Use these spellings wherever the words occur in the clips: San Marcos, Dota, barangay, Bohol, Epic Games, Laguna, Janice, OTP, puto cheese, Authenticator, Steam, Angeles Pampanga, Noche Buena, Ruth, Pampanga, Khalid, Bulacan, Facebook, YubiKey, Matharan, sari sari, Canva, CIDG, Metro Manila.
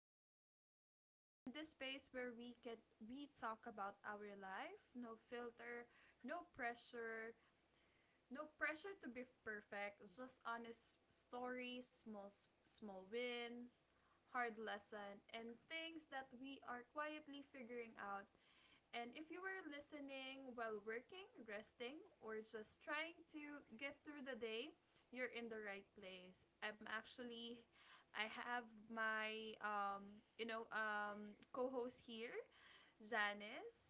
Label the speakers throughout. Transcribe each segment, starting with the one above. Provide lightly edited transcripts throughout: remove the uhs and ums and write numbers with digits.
Speaker 1: This is Ruth, and this space where we talk about our life, no filter, no pressure, no pressure to be perfect, just honest stories, small wins, hard lesson, and things that we are quietly figuring out. And if you were listening while working, resting, or just trying to get through the day, you're in the right place. I'm actually, I have my, co host here, Janice.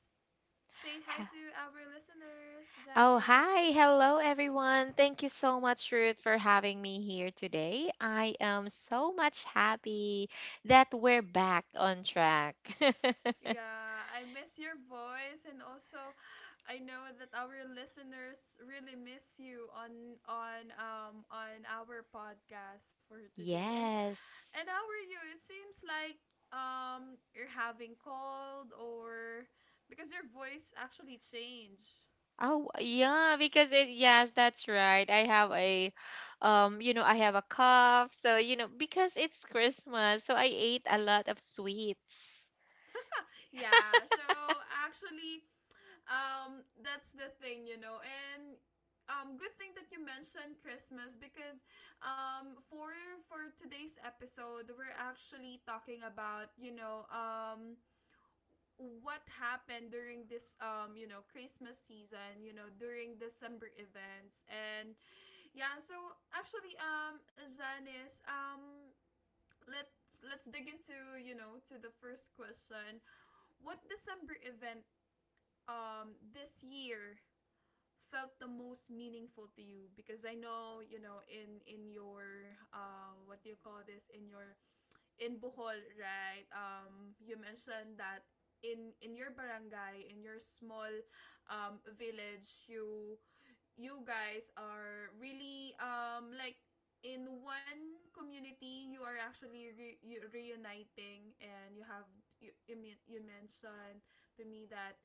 Speaker 1: Say hi
Speaker 2: Ha-
Speaker 1: to our listeners,
Speaker 2: Oh,
Speaker 1: Janice.
Speaker 2: hi. Hello, everyone. Thank you so much, Ruth, for having me here today. I am so much happy that we're back on track.
Speaker 1: Yeah, I miss your voice, and also I know that our listeners really miss you on our podcast for today. And
Speaker 2: Yes.
Speaker 1: And how are you? It seems like you're having cold, or because your voice actually changed.
Speaker 2: Oh, yeah, yes, that's right. I have a cough. So, because it's Christmas, so I ate a lot of sweets.
Speaker 1: Yeah, so actually, that's the thing, And Good thing that you mentioned Christmas because um for for today's episode, we're actually talking about, what happened during this christmas season, during december events. And Yeah, so actually, Janice, let's let's dig into, to the first question. What December event this year felt the most meaningful to you? Because I know, in your what do you call this, in your in Bohol, right? You mentioned that in your barangay, in your small village, you guys are really like in one community, you are actually reuniting and you have you mentioned to me that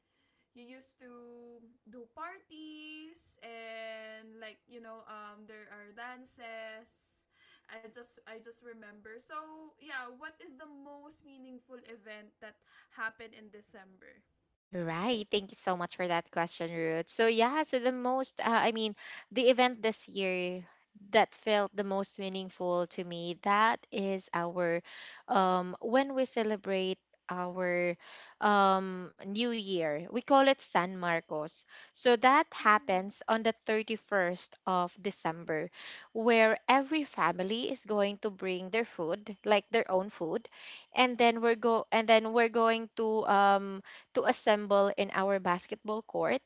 Speaker 1: you used to do parties, and like, there are dances. I just remember. So yeah, what is the most meaningful event that happened in december?
Speaker 2: Right. Thank you so much for that question, Ruth. So yeah, so the most, I mean, the event this year that felt the most meaningful to me, that is when we celebrate our new year. We call it San Marcos. So that
Speaker 1: Mm-hmm.
Speaker 2: happens on the 31st of December, where every family is going to bring their food, like their own food, and then we're going to assemble in our basketball court.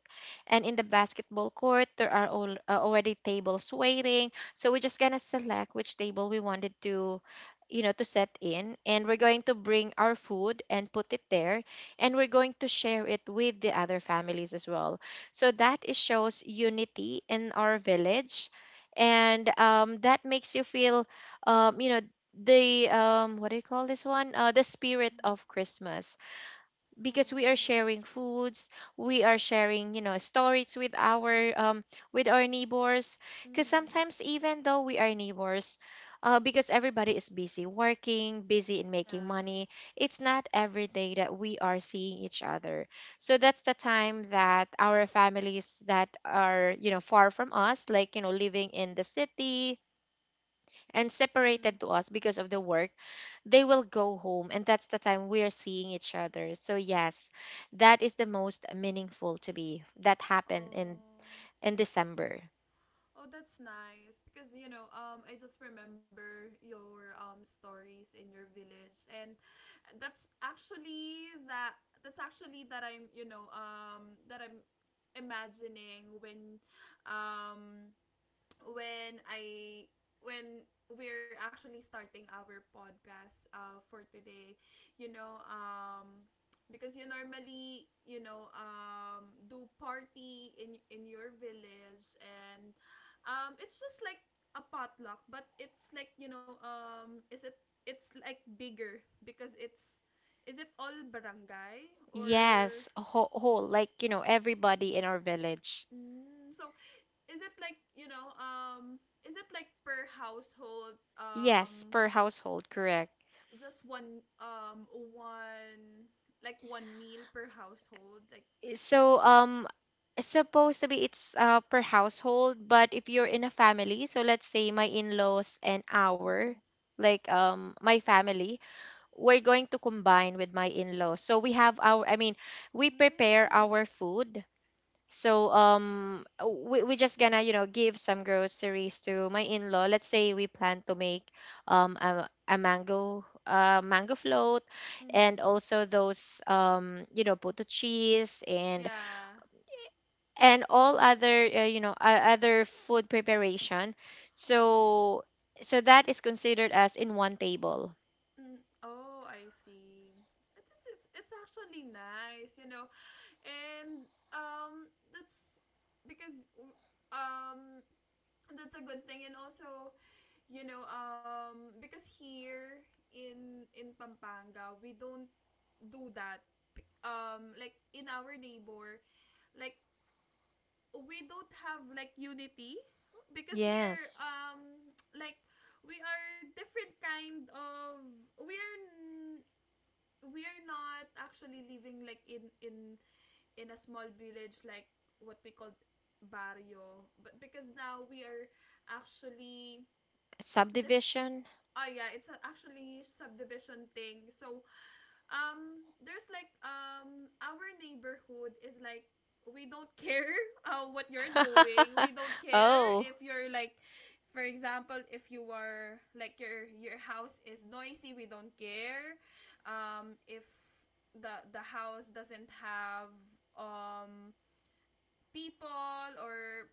Speaker 2: And in the basketball court, there are already tables waiting. So we're just going to select which table we wanted to you know to set in, and we're going to bring our food and put it there, and we're going to share it with the other families as well, so that is shows unity in our village. And that makes you feel um, you know the what do you call this one, the spirit
Speaker 1: Mm-hmm.
Speaker 2: of Christmas. Because we are
Speaker 1: Oh.
Speaker 2: sharing foods, we are sharing stories with our neighbors. Because
Speaker 1: Mm-hmm.
Speaker 2: sometimes, even though we are neighbors, because everybody is busy working, busy in making
Speaker 1: Yeah.
Speaker 2: money, it's not every day that we are seeing each other. So that's the time that our families that are far from us, like living in the city and
Speaker 1: Mm-hmm.
Speaker 2: separated to us because of the work, they will go home, and that's the time we're seeing each other. So yes, that is the most meaningful to me that happened in
Speaker 1: Oh.
Speaker 2: in December.
Speaker 1: Oh, that's nice because, I just remember your stories in your village, and that's actually that that's actually that I'm, that I'm imagining um when I when we're actually starting our podcast for today, you know, um, because you normally, do party in your village, and it's just like a potluck, but it's like, is it? It's like bigger because it's, is it all barangay? Or
Speaker 2: Yes, a whole, whole like everybody in our village.
Speaker 1: So is it like, is it like per household?
Speaker 2: Yes, per household, correct.
Speaker 1: Just one one like one meal per household, like for
Speaker 2: So supposed to be it's per household, but if you're in a family, so let's say my in-laws and our
Speaker 1: mm-hmm.
Speaker 2: like my family, we're going to combine with my in-laws. So we have our I mean, we prepare
Speaker 1: Mm.
Speaker 2: our food. So we just gonna, give some groceries to my in-law. Let's say we plan to make a mango float, and
Speaker 1: Mm-hmm.
Speaker 2: also those potato cheese, and
Speaker 1: Yeah.
Speaker 2: and all other you know other food preparation. So that is considered as in one table.
Speaker 1: Mm. Oh, I see. It's, it's actually nice, you know. And that's because um that's a good thing, and also, because here in Pampanga, we don't do that, like in our neighbor, like we don't have like unity because we are
Speaker 2: Yes.
Speaker 1: like we are different kind of, we are n- we are not actually living like in in a small village, like what we call barrio. But because now we are actually Dif-
Speaker 2: Subdivision.
Speaker 1: oh yeah, it's a actually subdivision thing. So there's like, our neighborhood is like, we don't care what you're doing. We don't care
Speaker 2: Oh.
Speaker 1: if you're like, for example, if you are like your house is noisy, we don't care. If the house doesn't have um people, or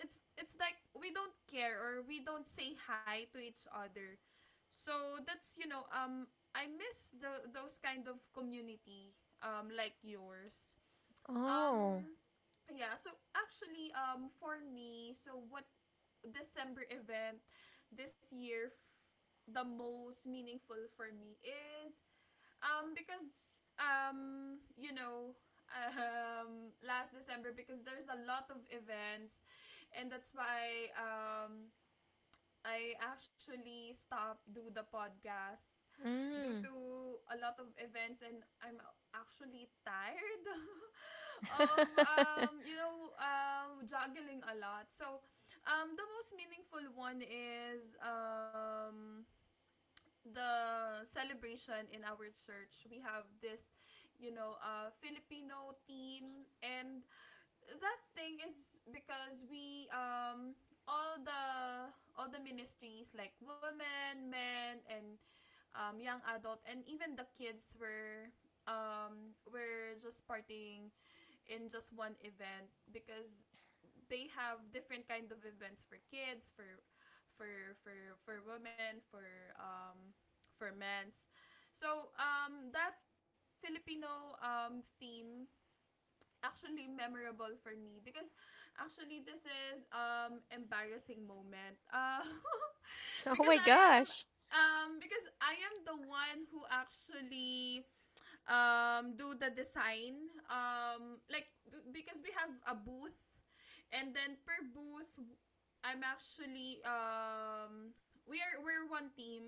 Speaker 1: it's like we don't care, or we don't say hi to each other. So that's, I miss the those kind of community, like yours.
Speaker 2: Oh.
Speaker 1: Um yeah, so actually, for me, so what December event this year the most meaningful for me is, um, because um, you know, last December, because there's a lot of events, and that's why, I actually stopped do the podcast due to
Speaker 2: Mm.
Speaker 1: a lot of events, and I'm actually tired of, juggling a lot. So the most meaningful one is, the celebration in our church. We have this, Filipino theme, and that thing is because we, all the all the ministries, like women, men, and young adult, and even the kids were just partying in just one event, because they have different kind of events for kids, for for for women, for men's. So that Filipino theme actually memorable for me because, actually this is embarrassing moment.
Speaker 2: Oh my
Speaker 1: Because I am
Speaker 2: gosh.
Speaker 1: because I am the one who actually do the design, like because we have a booth, and then per booth, I'm actually we are, we're one team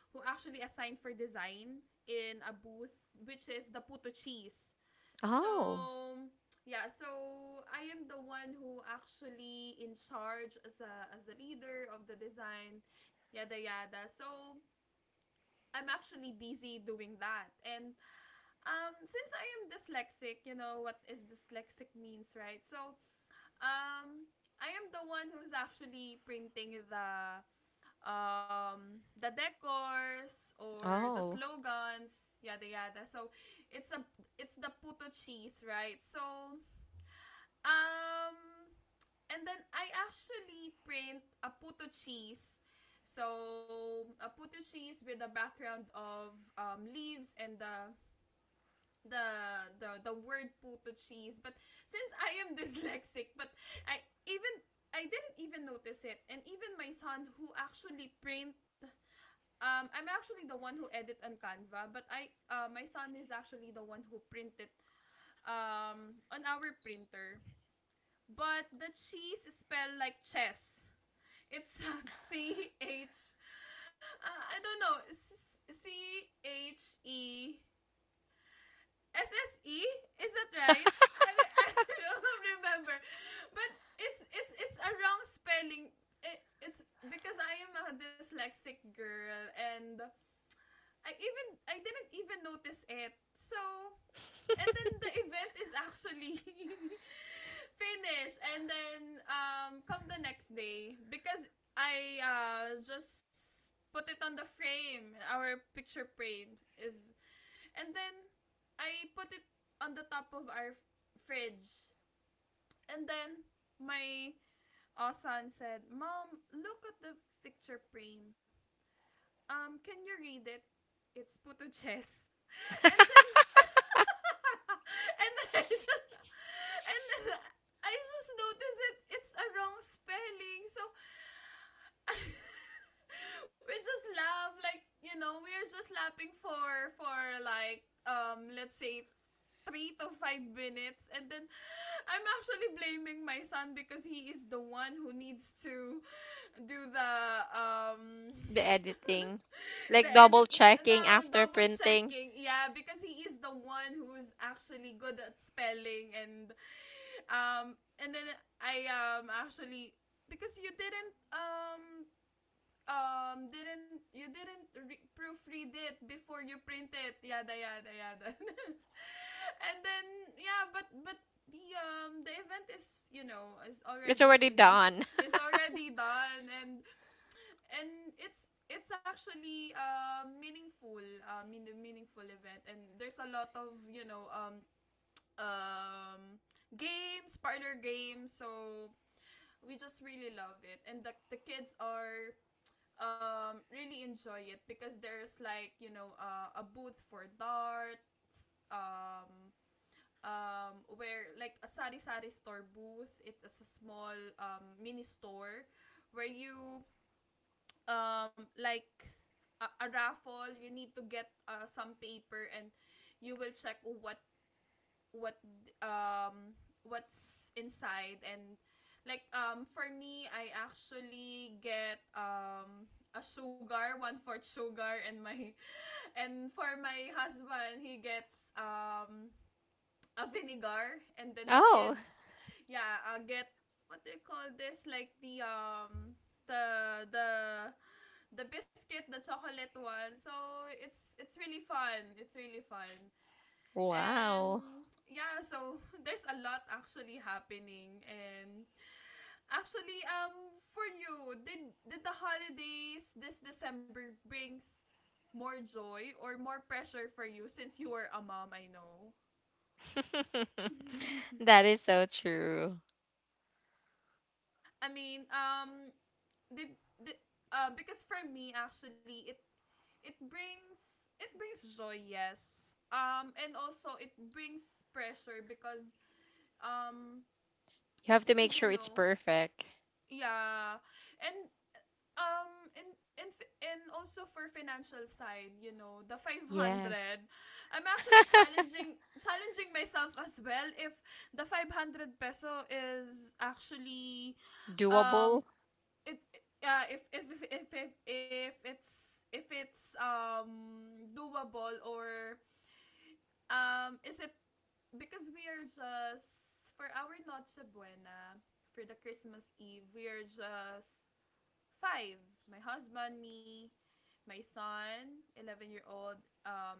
Speaker 1: who actually assigned for design in a booth, which is the puto cheese. So
Speaker 2: Oh.
Speaker 1: yeah, so I am the one who actually in charge as a leader of the design, yada yada. So I'm actually busy doing that, and since I am dyslexic, you know what is dyslexic means, right? So, um I am the one who's actually printing the decors or the
Speaker 2: Oh.
Speaker 1: slogans, yada yada. So, it's a it's the puto cheese, right? So, um and then I actually print a puto cheese. So, a puto cheese with a background of, leaves, and the the word puto cheese. But since I am dyslexic, but I even I didn't even notice it. And even my son, who actually print, I'm actually the one who edit on canva, but I my son is actually the one who printed on our printer. But the cheese is spelled like chess. It's c h I don't know, c h e SSE? Is that right? I don't remember. But it's it's a wrong spelling. It's because I am a dyslexic girl, and I even I didn't even notice it. So, and then the event is actually finished, and then come the next day, because I just put it on the frame. Our picture frame is, and then I put it on the top of our fridge. And then my son said, "Mom, look at the picture frame. Can you read it? It's puto chess." And then and then and then I just noticed it. It's a wrong spelling. So we just laugh like, you know, we're just laughing for like, let's say 3 to 5 minutes, and then I'm actually blaming my son because he is the one who needs to do the um
Speaker 2: The editing.
Speaker 1: the
Speaker 2: Like
Speaker 1: edit,
Speaker 2: double checking
Speaker 1: now
Speaker 2: after
Speaker 1: double
Speaker 2: printing.
Speaker 1: checking, yeah, because he is the one who's actually good at spelling. And um and then I actually, because you didn't, didn't, you didn't proofread it before you print it, yada yada yada. And then, yeah, but the event is, you know, is
Speaker 2: It's
Speaker 1: already
Speaker 2: already
Speaker 1: finished.
Speaker 2: done.
Speaker 1: It's already done. And it's actually meaningful event, and there's a lot of, um games, parlor games. So we just really love it, and the kids are really enjoy it, because there's like, you know, a booth for dart, um where like a sari sari store booth. It is a small mini store where you like a raffle. You need to get some paper, and you will check what what um what's inside. And like, for me, I actually get a sugar, one fourth sugar, and my and for my husband, he gets a vinegar. And then the
Speaker 2: Oh.
Speaker 1: kids, yeah I get, what do you call this, like the the the the biscuit, the chocolate one. So it's really fun, it's really fun.
Speaker 2: Wow.
Speaker 1: And yeah, so there's a lot actually happening. And actually, for you, did the holidays this December brings more joy or more pressure for you, since you are a mom? I know.
Speaker 2: That is so true.
Speaker 1: I mean, did because for me actually, it brings joy, yes. And also it brings pressure because um
Speaker 2: You have to make
Speaker 1: you
Speaker 2: sure it's
Speaker 1: know.
Speaker 2: perfect.
Speaker 1: Yeah. And um and also for financial side, you know, the 500,
Speaker 2: Yes.
Speaker 1: I'm actually challenging myself as well if the 500 peso is actually um
Speaker 2: Doable.
Speaker 1: it yeah, if it's doable, or is it, because we are just, for our Noche Buena, for the Christmas Eve, we are just five. My husband, me, my son, 11-year-old,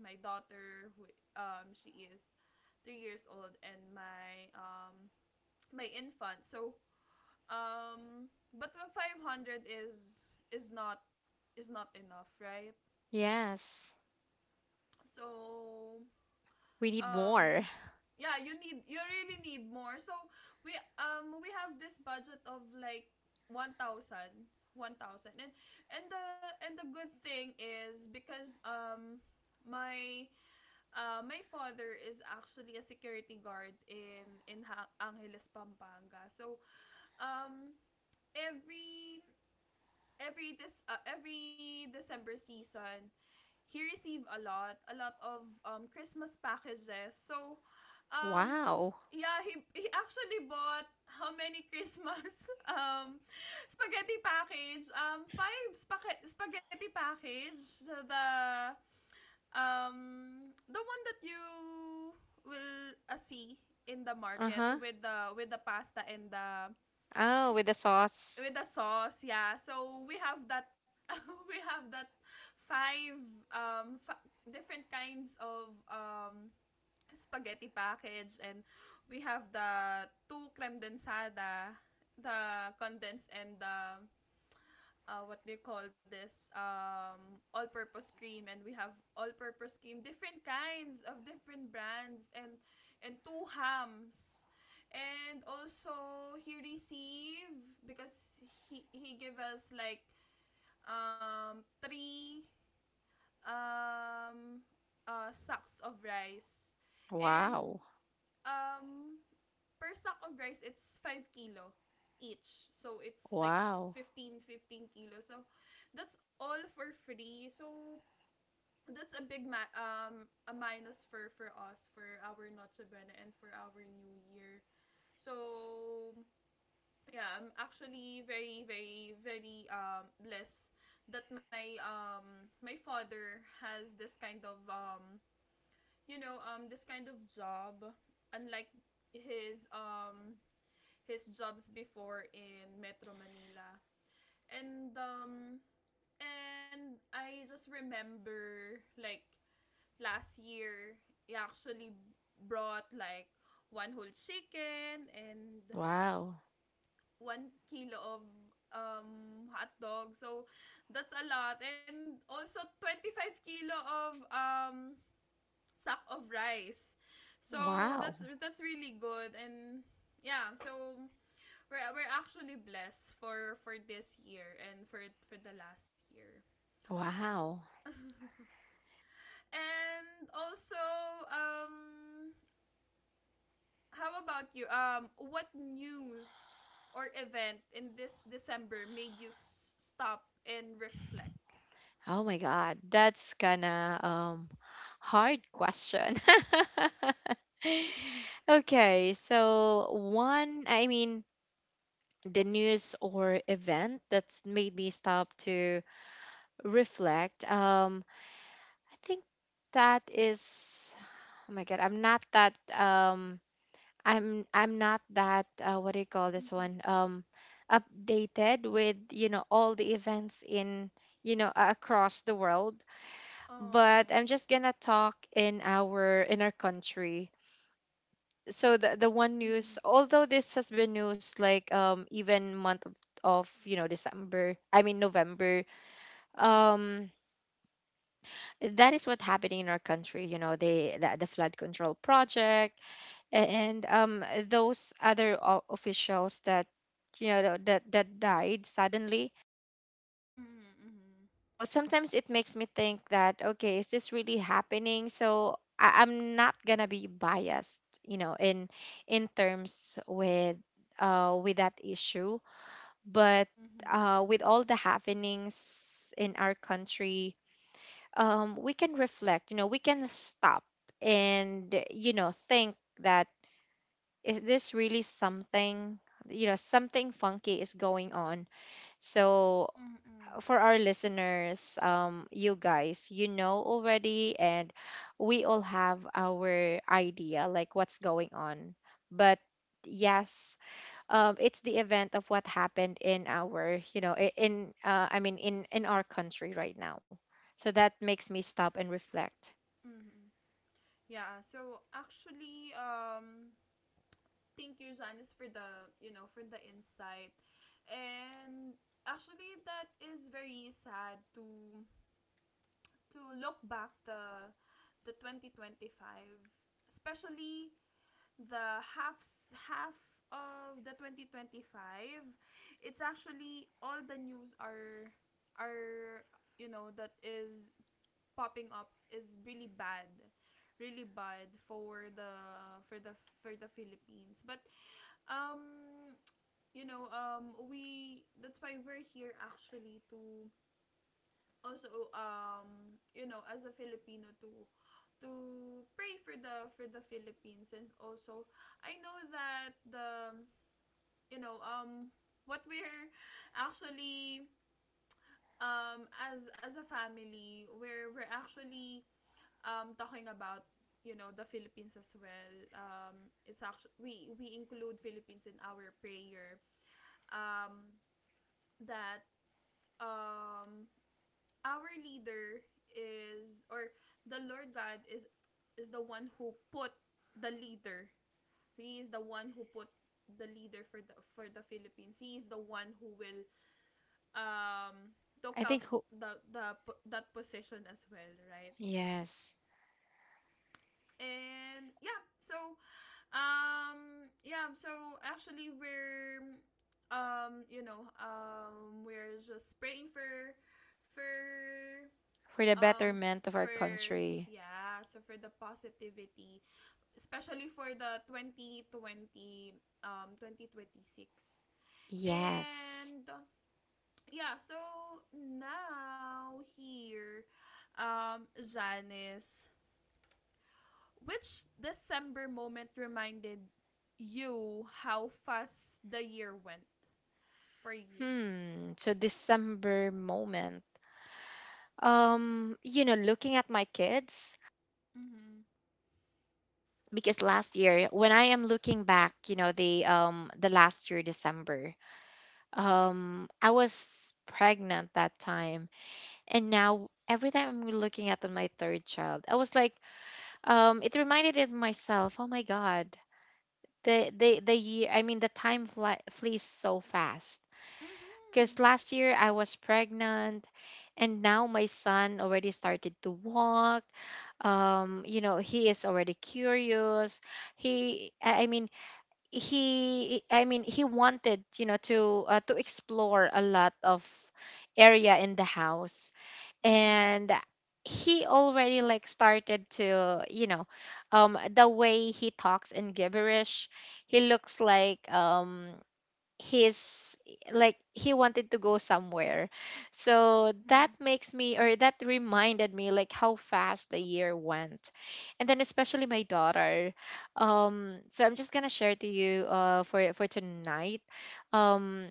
Speaker 1: my daughter, who she is 3 years old, and my my infant. So, but the 500 is is not is not enough, right?
Speaker 2: Yes.
Speaker 1: So,
Speaker 2: We need more.
Speaker 1: um yeah, you really need more. So, we we have this budget of like one thousand, one thousand, and the good thing is because my my father is actually a security guard in Angeles Pampanga. So, um every every December season, he received a lot of Christmas packages. So, um
Speaker 2: Wow.
Speaker 1: yeah, he actually bought how many Christmas um spaghetti package, five spaghetti package, um the one that you will see in the
Speaker 2: Uh
Speaker 1: market
Speaker 2: huh.
Speaker 1: with the pasta and the
Speaker 2: Oh, with the sauce.
Speaker 1: with the sauce, yeah. So we have that we have that five, um fa- different kinds of spaghetti package. And we have the two creme densada, the condensed and the, what do you call this, all-purpose cream. And we have all-purpose cream, different kinds of different brands, and two hams. And also he received, because he gave us like three um sacks of rice. And
Speaker 2: Wow.
Speaker 1: um, per sack of rice, it's 5 kilo each. So, it's like
Speaker 2: Wow.
Speaker 1: 15 kilo. So, that's all for free. So, that's a big a minus for us for our Noche Buena and for our New Year. So, yeah, I'm actually very, very, very blessed that my father has this kind of this kind of job, unlike his um his jobs before in Metro Manila. And I just remember, like, last year he actually brought like one whole chicken and
Speaker 2: Wow.
Speaker 1: 1 kilo of hot dog. So that's a lot. And also 25 kilo of sack of rice. So
Speaker 2: Wow.
Speaker 1: that's really good. And yeah, so we're actually blessed for this year and for the last year.
Speaker 2: Wow.
Speaker 1: And also, um how about you? What news or event in this December made you stop and reflect?
Speaker 2: Oh my God. That's kinda hard question. Okay, so I mean, the news or event that's made me stop to reflect. I think that is, oh my God, I'm not that, what do you call this one? Updated with, all the events across the world,
Speaker 1: Oh.
Speaker 2: but I'm just gonna talk in our country. So the one
Speaker 1: Mm-hmm. Oh. Mm-hmm.
Speaker 2: news, although this has been news like even month of you know December, I mean November, um that is what happening in our country. You know, the flood control project, and those other officials that that died suddenly.
Speaker 1: Mm-hmm.
Speaker 2: So sometimes it makes me think that, okay, is this really happening? So I'm not gonna be biased, in terms with that issue. But
Speaker 1: Mm-hmm. Mm-hmm.
Speaker 2: with all the happenings in our country, we can reflect, we can stop and think that is this really something, something funky is going on.
Speaker 1: Mm-hmm.
Speaker 2: So
Speaker 1: Mm-hmm. Mm-hmm. Mm-hmm.
Speaker 2: for our listeners, you guys, you know already, and we all have our idea like what's going on. But yes, it's the event of what happened in our, you know, I- in I mean, in our country right now. So that makes me stop and reflect.
Speaker 1: Mm-hmm. Yeah, so actually, thank you, Janice, for the insight. And actually, that is very sad to look back the 2025, especially the half of the 2025. It's actually, all the news are that is popping up is really bad, really bad for the for the Philippines. But um you know we that's why we're here, actually, to also, you know, as a Filipino, to pray for the Philippines. And also, I know that the you know what we're actually as a family, we're actually, talking about, you know, the Philippines as well. It's actually, we include Philippines in our prayer. um that, um our leader is, or the Lord God, is the one who put the leader. He is the one who put the leader for the Philippines. He is the one who will, um took
Speaker 2: I think
Speaker 1: out
Speaker 2: who,
Speaker 1: the that position as well, right?
Speaker 2: yes,
Speaker 1: And yeah, so. Yeah. So, actually, we're, we're just praying for,
Speaker 2: for the
Speaker 1: um,
Speaker 2: betterment of our
Speaker 1: for
Speaker 2: country.
Speaker 1: yeah. So, for the positivity, especially for the 2026.
Speaker 2: Yes.
Speaker 1: And yeah. So now here, Janice, which December moment reminded you how fast the year went for you?
Speaker 2: Hmm. So December moment. Looking at my kids,
Speaker 1: Mm-hmm.
Speaker 2: because last year when I am looking back, the last year December, I was pregnant that time. And now every time I'm looking at my third child, I was like it reminded of myself, oh my God, the year, I mean the time flees so fast. Because
Speaker 1: Mm-hmm.
Speaker 2: last year I was pregnant, and now my son already started to walk, he is already curious, he I mean he wanted to explore a lot of area in the house.
Speaker 1: Mm-hmm.
Speaker 2: And he already like started to the way he talks in gibberish. He looks like his like he wanted to go somewhere. So that
Speaker 1: Mm-hmm.
Speaker 2: makes me, or that reminded me, like how fast the year went. And then especially my daughter, so I'm just gonna share to you for tonight. um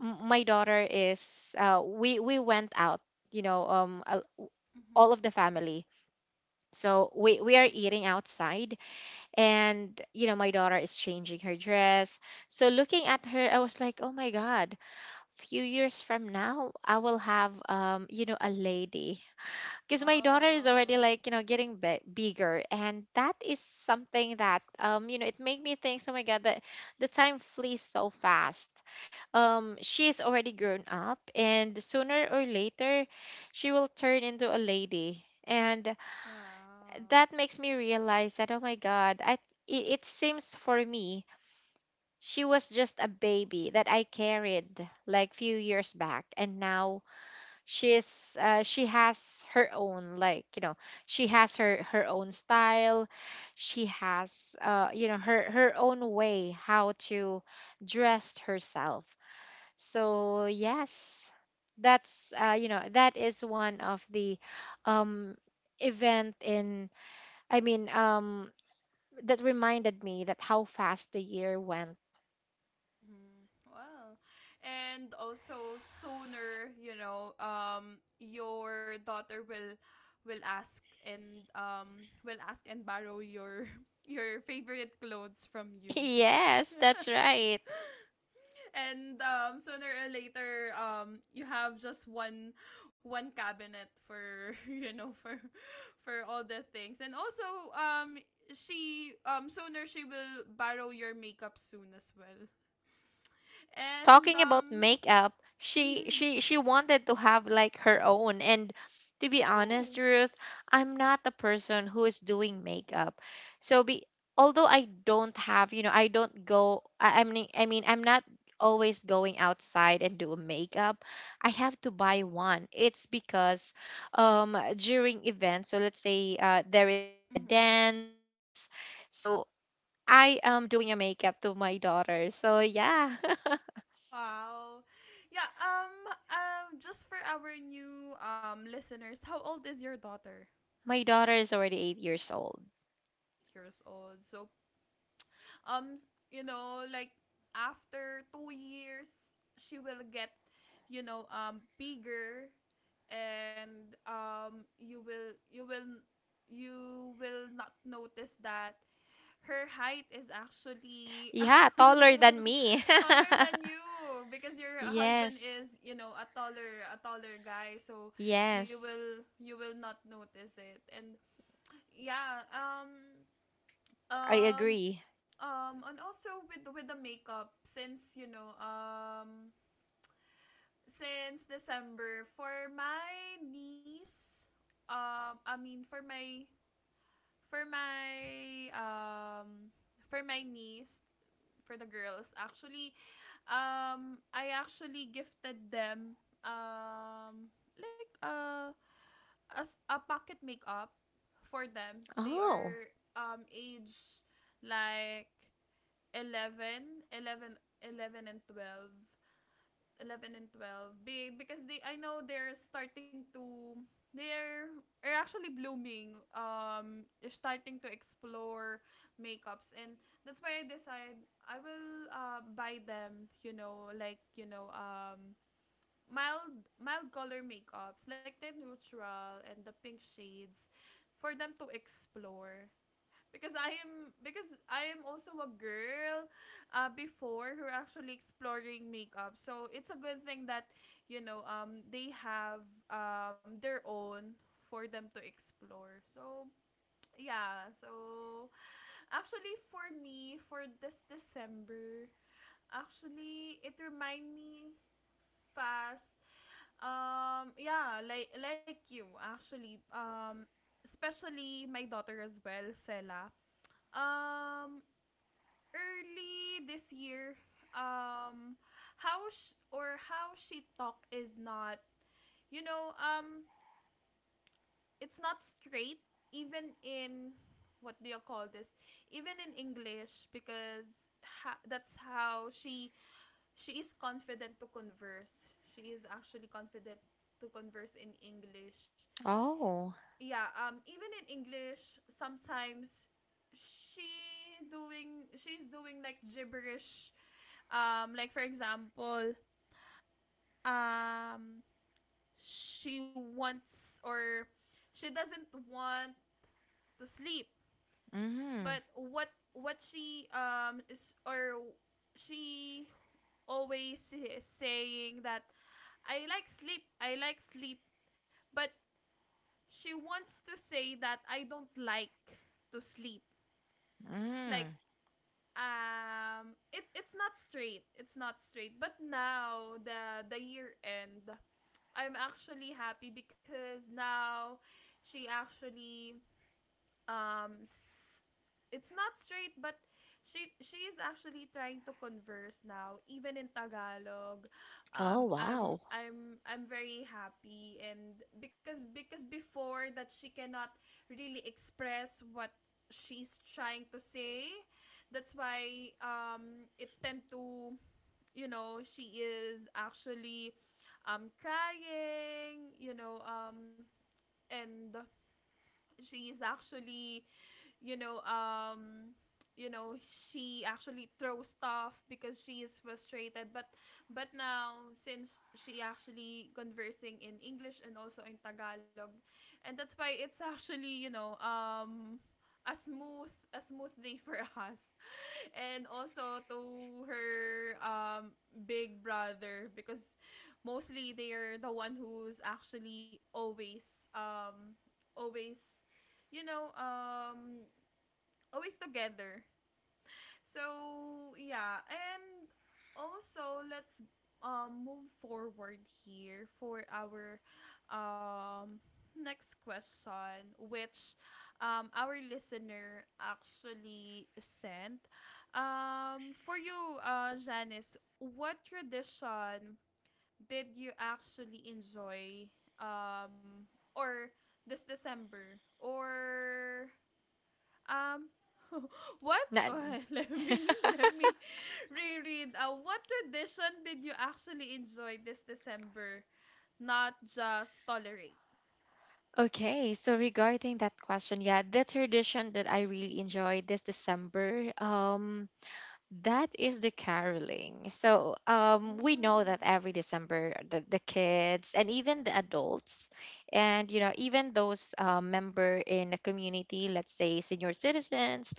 Speaker 2: my daughter is we went out, you know um a- all
Speaker 1: Mm-hmm.
Speaker 2: of the family. So we are eating
Speaker 1: Mm-hmm.
Speaker 2: outside, and my daughter is changing her dress, so looking at her I was like, oh my God, few years from now I will have, a lady. Because my daughter is already,
Speaker 1: Oh.
Speaker 2: like, getting bigger, and that is something that it made me think, oh my God, that the time flees so fast. She is already grown up, and sooner or later she will turn into a lady. And
Speaker 1: Wow.
Speaker 2: that makes me realize that, oh my God, I it seems for me she was just a baby that I carried like few years back. And now she has her own, like, she has her own style. She has her own way how to dress herself. So yes, that's you know that is one of the um event in I mean, that reminded me that how fast the year went.
Speaker 1: Mm-hmm. Wow. And also, sooner, you know, your daughter will, will ask and borrow your your favorite clothes from you.
Speaker 2: Yes, that's right.
Speaker 1: And sooner or later, you have just one cabinet for, you know, for all the things. And also, um, she sooner, she will borrow your makeup soon as well. And
Speaker 2: Talking about makeup,
Speaker 1: mhm.
Speaker 2: she wanted to have like her own. And to be honest,
Speaker 1: Oh,
Speaker 2: Ruth, I'm not the person who is doing makeup. So, be although I don't have you know I don't go I mean I'm not always going outside and do makeup. I have to buy one, it's because during events. So let's say, there is a dance,
Speaker 1: mm-hmm.
Speaker 2: so I am doing a makeup to my daughter. So yeah.
Speaker 1: Wow, yeah. Just for our new listeners, how old is your daughter?
Speaker 2: My daughter is already 8 years old.
Speaker 1: 8 years old. So, um you know, like, after 2 years she will get, you know, bigger. And you will you will not notice that her height is actually
Speaker 2: Yeah, taller than me.
Speaker 1: taller than you, because your husband
Speaker 2: Yes,
Speaker 1: is, you know, a taller guy, so
Speaker 2: yes,
Speaker 1: you will not notice it. And yeah.
Speaker 2: I
Speaker 1: Um
Speaker 2: agree.
Speaker 1: and also, with the makeup, since, you know, since December, for my niece, I mean for my for my for my niece, for the girls, actually, I actually gifted them, like, a as a pocket makeup for them. They
Speaker 2: Oh,
Speaker 1: are, age like 11, and 12. 11 and 12. Be because they I know they're starting to, they're are actually blooming, they're starting to explore makeups, and that's why I decide I will buy them, you know, like, you know, mild color makeups, like the neutral and the pink shades, for them to explore. Because I am because I am also a girl, before, who are actually exploring makeup. So it's a good thing that, you know, they have, their own for them to explore. So, yeah, so actually, for me for this December, actually it remind me fast. Yeah, like you, actually, especially my daughter as well, Sela. um Early this year, um or how she talk is not, you know, it's not straight, even in, what do you call this, even in english, because that's how she is confident to converse, she is actually confident to converse in english.
Speaker 2: oh,
Speaker 1: Yeah, even in english, sometimes she doing she's doing like gibberish. Like for example, um, she wants or she doesn't want to sleep,
Speaker 2: mm,
Speaker 1: but what she, is or she always is saying that "I like sleep, I like sleep," but she wants to say that "I don't like to sleep." Like,
Speaker 2: mm.
Speaker 1: it's not straight, but now, the year end, I'm actually happy because now she actually, um s- it's not straight, but she is actually trying to converse now, even in Tagalog.
Speaker 2: Oh,
Speaker 1: I'm
Speaker 2: wow.
Speaker 1: I'm I'm very happy. And because before that she cannot really express what she's trying to say, that's why, it tend to, you know, she is actually, crying, you know, and she is actually, you know, um, you know, she actually throws stuff because she is frustrated. But, now since she actually conversing in English and also in Tagalog, and that's why it's actually, you know, a smooth day for us and also to her, big brother, because mostly they're the one who's actually always, always you know, always together. So, yeah, and also, let's move forward here for our um next question, which, our listener actually sent, for you, Janice. What tradition did you actually enjoy, um or this December, or, um, what?
Speaker 2: Na-
Speaker 1: Let me let me reread. What tradition did you actually enjoy this December, not just tolerate?
Speaker 2: okay, so regarding that question, yeah, the tradition that I really enjoyed this December, that is the caroling. So we know that
Speaker 1: Mm.
Speaker 2: every December, the kids and even the adults, and even
Speaker 1: Mm-hmm.
Speaker 2: those member in a community, let's say senior citizens,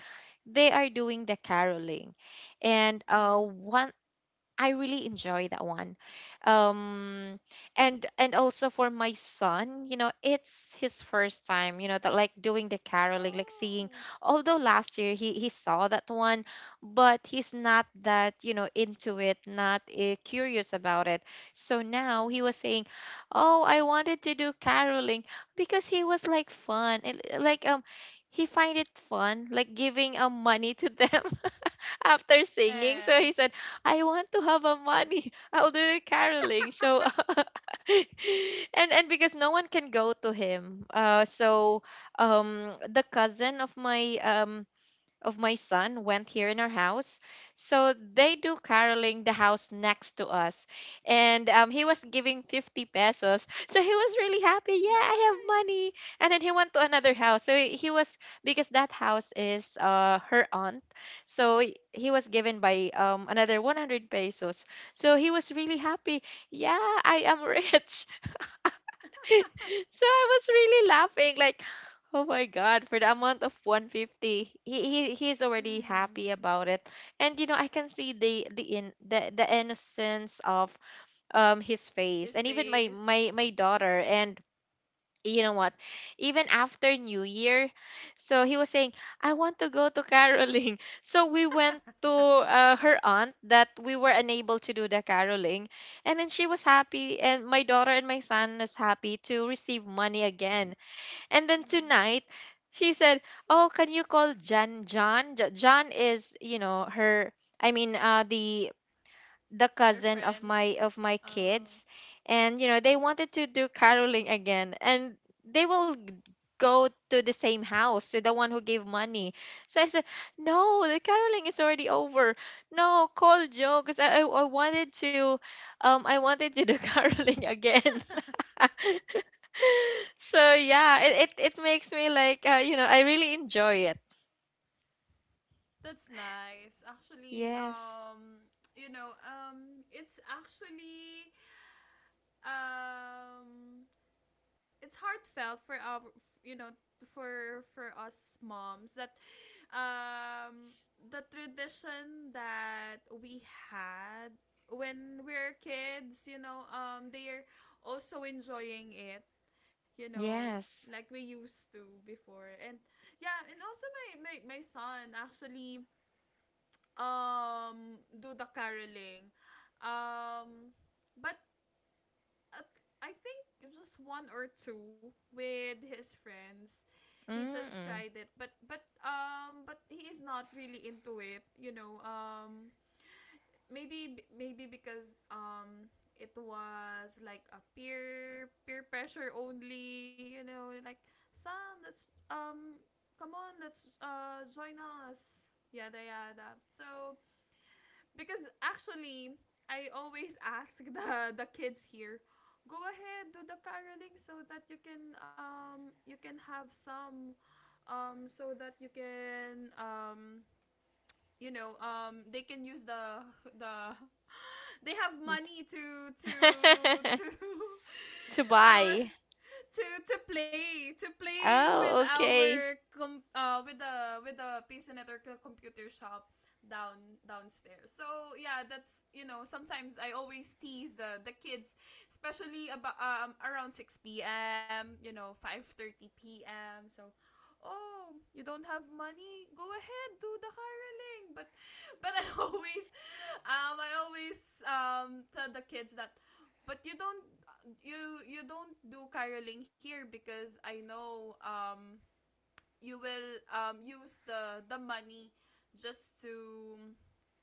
Speaker 2: they are doing the caroling. And
Speaker 1: Mm-hmm.
Speaker 2: one, I really enjoy that one. Um and also for my son, it's his first time, that like doing the caroling, like seeing.
Speaker 1: Oh.
Speaker 2: Although last year he saw that one, but he's not that, into it, not curious about it. So now
Speaker 1: Mm-hmm.
Speaker 2: he was saying, "Oh, I wanted to do caroling because he was like fun." And, like, he find it fun, like giving money to them after singing. So he
Speaker 1: Yes.
Speaker 2: said, "I want to have a money." "I'll do the caroling." So and because no one can go to him. So the cousin of my son went here in our house. So they do caroling the house next to us. And he was giving 50 pesos. So he was really happy. Yeah, I have
Speaker 1: Nice.
Speaker 2: money. And then he went to another house. So he was, because that house is, her aunt. So he was given by, another 100 pesos. So he was really happy. Yeah, I am rich. So I was really laughing, like, oh my God, for the amount of 150, he's already
Speaker 1: Mm-hmm.
Speaker 2: happy about it. And you know, I can see the innocence of his
Speaker 1: His
Speaker 2: face and even my
Speaker 1: face.
Speaker 2: my my daughter. And you know what, even after new year, so he was saying, I want to go to caroling. So we
Speaker 1: Mm.
Speaker 2: went to her aunt that we were unable to do the caroling. And then she was happy, and my daughter and my son is happy to receive money again. And then tonight she said, oh, can you call John is, you know, her, i mean uh the the
Speaker 1: Her
Speaker 2: cousin
Speaker 1: friend.
Speaker 2: of my
Speaker 1: Oh,
Speaker 2: kids. And you know, they wanted to do caroling again, and they will go to the same house, to the one who gave money. So I said, no, the caroling is already over. No, call Joe because I wanted to, I wanted to do caroling again. So yeah, it makes me like you know, I really enjoy it.
Speaker 1: that's nice. Actually,
Speaker 2: Yes.
Speaker 1: you know, um it's heartfelt for our, you know, for us moms, that um the tradition that we had when we were kids, you know, they are also enjoying it, you know,
Speaker 2: Yes.
Speaker 1: like we used to before. And yeah, and also my son actually do the caroling, um but, uh, I think, just one or two with his friends. He just
Speaker 2: Mm-mm.
Speaker 1: tried it, but, he is not really into it, you know. Maybe maybe because, it was like a peer pressure only, you know, like, "Sam, let's, um come on, let's join us." Yada yada. So, because actually, I always ask the kids here, "Go ahead, do the caroling, so that you can, you can have some so that you can, you know, they can use the they have money to
Speaker 2: To
Speaker 1: uh,
Speaker 2: buy.
Speaker 1: to play, with
Speaker 2: Oh, okay.
Speaker 1: our, with the PC network computer shop, downstairs." So, yeah, that's, you know, sometimes I always tease the kids, especially about, around six p.m. You know, 5:30 p.m. So. "Oh, you don't have money? Go ahead, do the hireling." But, I always, I always tell the kids that, "But you don't, you don't do caroling here, because I know, you will, use the money, just to,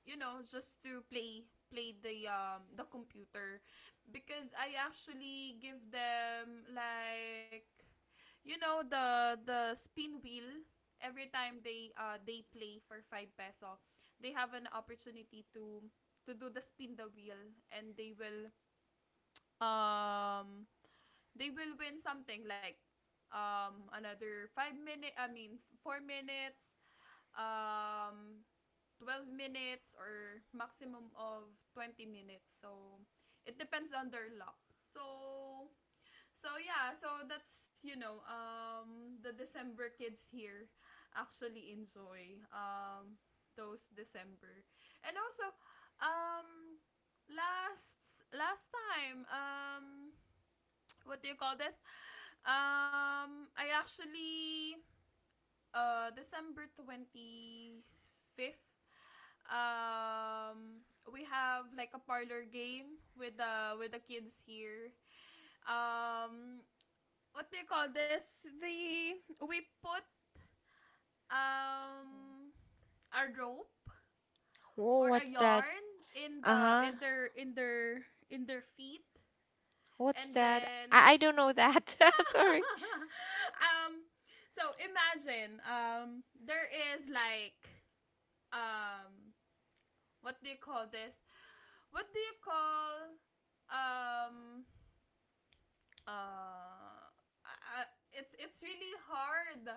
Speaker 1: you know, just to play the computer." Because I actually give them, like, you know, the spin wheel. Every time they play for 5 peso, they have an opportunity to do the spin the wheel, and um they will win something like, another 5 minute I mean 4 minutes, um 12 minutes, or maximum of 20 minutes. So it depends on their luck. So, yeah, so that's, you know, the December kids here actually enjoy, those December. And also, um last time, what do you call this? I actually, December 25th, um we have like a parlor game with the kids here. um what do you call this? The, we put um a rope
Speaker 2: Whoa,
Speaker 1: or a
Speaker 2: what's that?
Speaker 1: yarn in the
Speaker 2: Uh-huh.
Speaker 1: in their in their in their feet,
Speaker 2: What's
Speaker 1: and
Speaker 2: that?
Speaker 1: then
Speaker 2: I don't know that. Sorry.
Speaker 1: um so imagine there is like, um what do you call this? What do you call um uh I- it's really hard.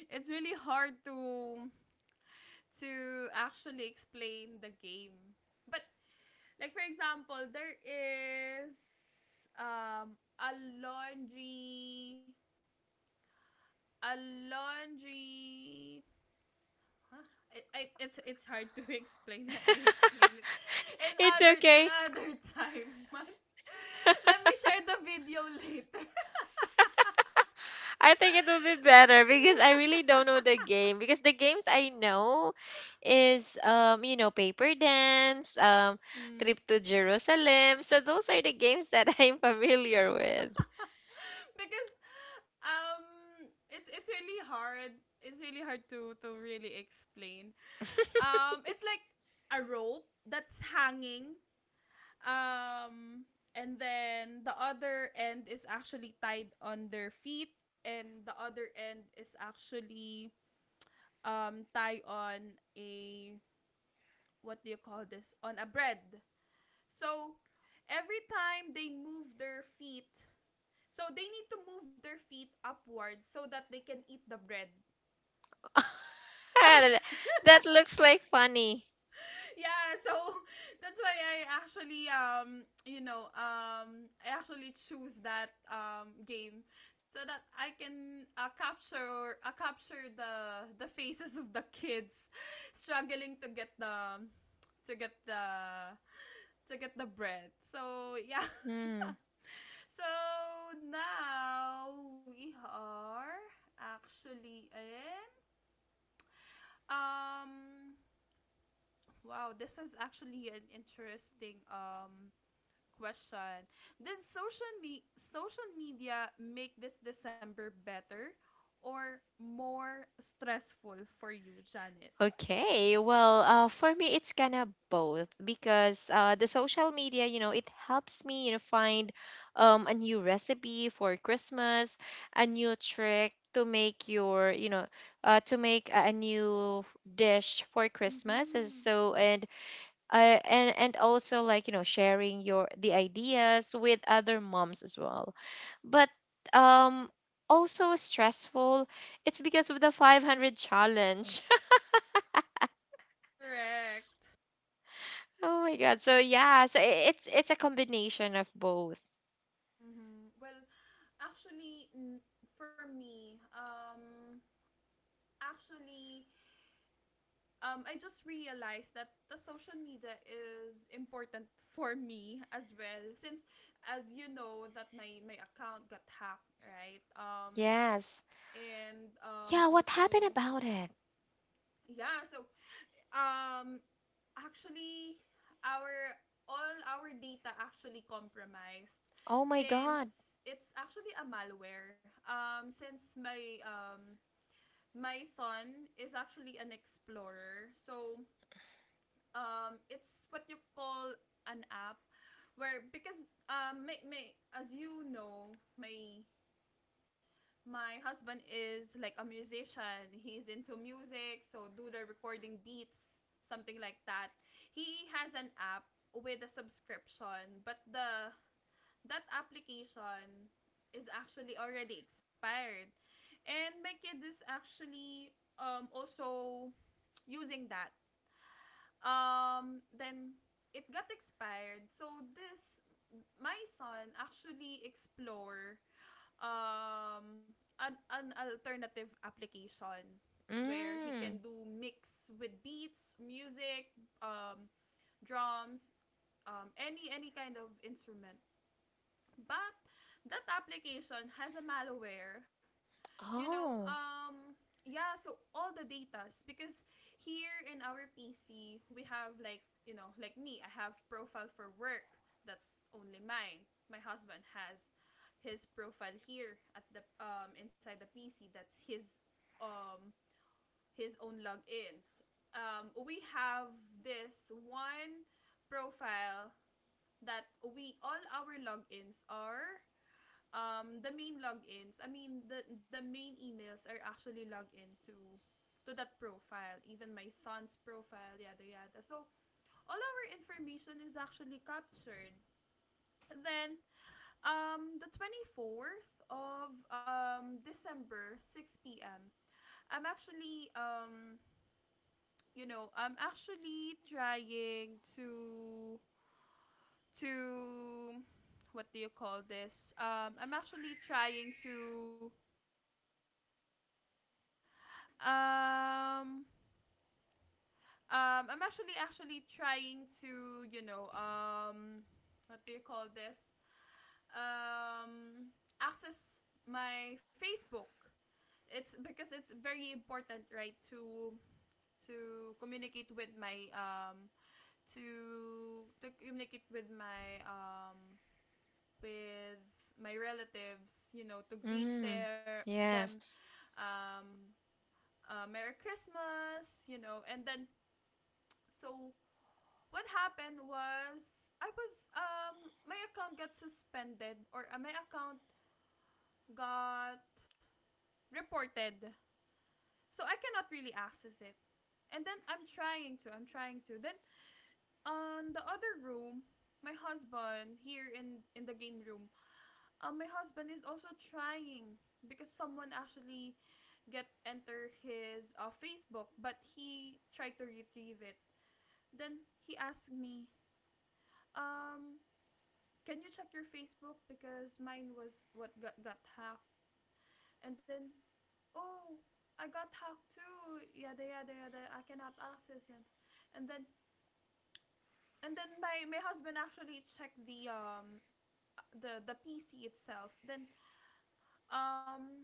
Speaker 1: It's really hard to actually explain the game. But, like for example, there is a laundry a laundry huh? It's hard to explain. Let me explain it
Speaker 2: It's okay.
Speaker 1: another time, man. Let me share the video later.
Speaker 2: I think it will be better because I really don't know the game. Because the games I know is you know, paper dance, trip
Speaker 1: Mm.
Speaker 2: to Jerusalem. So those are the games that I'm familiar with.
Speaker 1: Because um it's it's really hard it's really hard to really explain. It's like a rope that's hanging, um and then the other end is actually tied on their feet, and the other end is actually tied on a, what do you call this, on a bread. So every time they move their feet, so they need to move their feet upwards so that they can eat the bread. Oh,
Speaker 2: That looks like funny.
Speaker 1: yeah, so that's why I actually, choose that game so that I can, capture the faces of the kids struggling to get the, to get the to get the bread. So yeah.
Speaker 2: Hmm.
Speaker 1: So now we are actually in... Um, wow, this is actually an interesting question. Did social media make this December better or more stressful for you, Janice?
Speaker 2: Okay, well, for me, it's kind of both because the social media, you know, it helps me, you know, find a new recipe for Christmas, a new trick to make your, you know, to make a new dish for Christmas. And
Speaker 1: Mhm.
Speaker 2: so, uh, and also like, you know, sharing your the ideas with other moms as well. But um, also stressful, it's because of the 500 challenge.
Speaker 1: Correct.
Speaker 2: Oh my god. So yeah, it's a combination of both.
Speaker 1: Mhm. Well, actually n- for me, actually, I just realized that the social media is important for me as well, since as you know that my account got hacked, right?
Speaker 2: Yes.
Speaker 1: And
Speaker 2: Yeah, what happened
Speaker 1: also
Speaker 2: about it?
Speaker 1: Yeah, so um actually, our all our data actually compromised,
Speaker 2: Oh my god.
Speaker 1: since it's actually a malware, since my son is actually an explorer. So it's what you call an app, where, because may, as you know, my husband is like a musician, he's into music, so do the recording, beats, something like that. He has an app with a subscription, but the that application is actually already expired, and my kid is actually also using that. Then it got expired. So this my son actually explore um an alternative application where he can
Speaker 2: Mm.
Speaker 1: do mix with beats, music, um, drums, any kind of instrument. But that application has a malware, you know,
Speaker 2: Oh.
Speaker 1: um, yeah, so all the datas, because here in our PC, we have, like, like me, I have profile for work. That's only mine. My husband has his profile here at the inside the PC. That's um his own logins. We have this one profile that we all our logins are, the main logins, I mean the main emails are actually logged into, to that profile, even my son's profile, yada yada. So all our information is actually captured. Then, the 24th of December, 6 p.m., I'm actually, I'm actually trying to, to what do you call this, I'm actually trying to... Um, I'm actually trying to, what do you call this? Um, access my Facebook. It's because it's very important, right, to communicate with my to communicate with my relatives, you know, to greet
Speaker 2: Mm.
Speaker 1: their them,
Speaker 2: Yes.
Speaker 1: um Merry Christmas, you know, and then, so what happened was, I was my account got suspended, or, my account got reported. So I cannot really access it. And then, I'm trying to... Then, on the other room, my husband here in the game room, my husband is also trying, because someone actually get enter his, Facebook, but he tried to retrieve it. Then he asked me, um can you check your Facebook, because mine was, what, got hacked. And then, oh, I got hacked too. Yada yada yada. I cannot access it. And then, my husband actually checked the, the PC itself. Then, um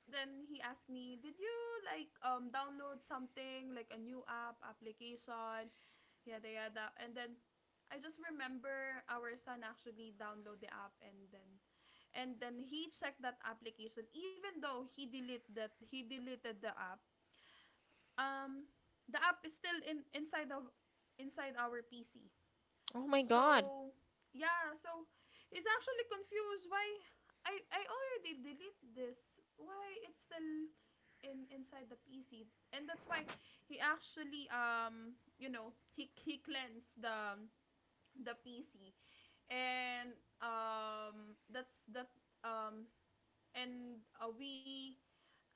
Speaker 1: he asked me, did you, like, download something like a new application, yada yada? And then, I just remember our son actually download the app, and then, he checked that application. Even though he delete that, he deleted the app, um the app is still in inside of inside our PC.
Speaker 2: Oh my god.
Speaker 1: So, yeah, so he's actually confused why I already delete this. Why it's still in inside the PC. And that's why he actually, he cleansed the PC. And, that's that. Um and We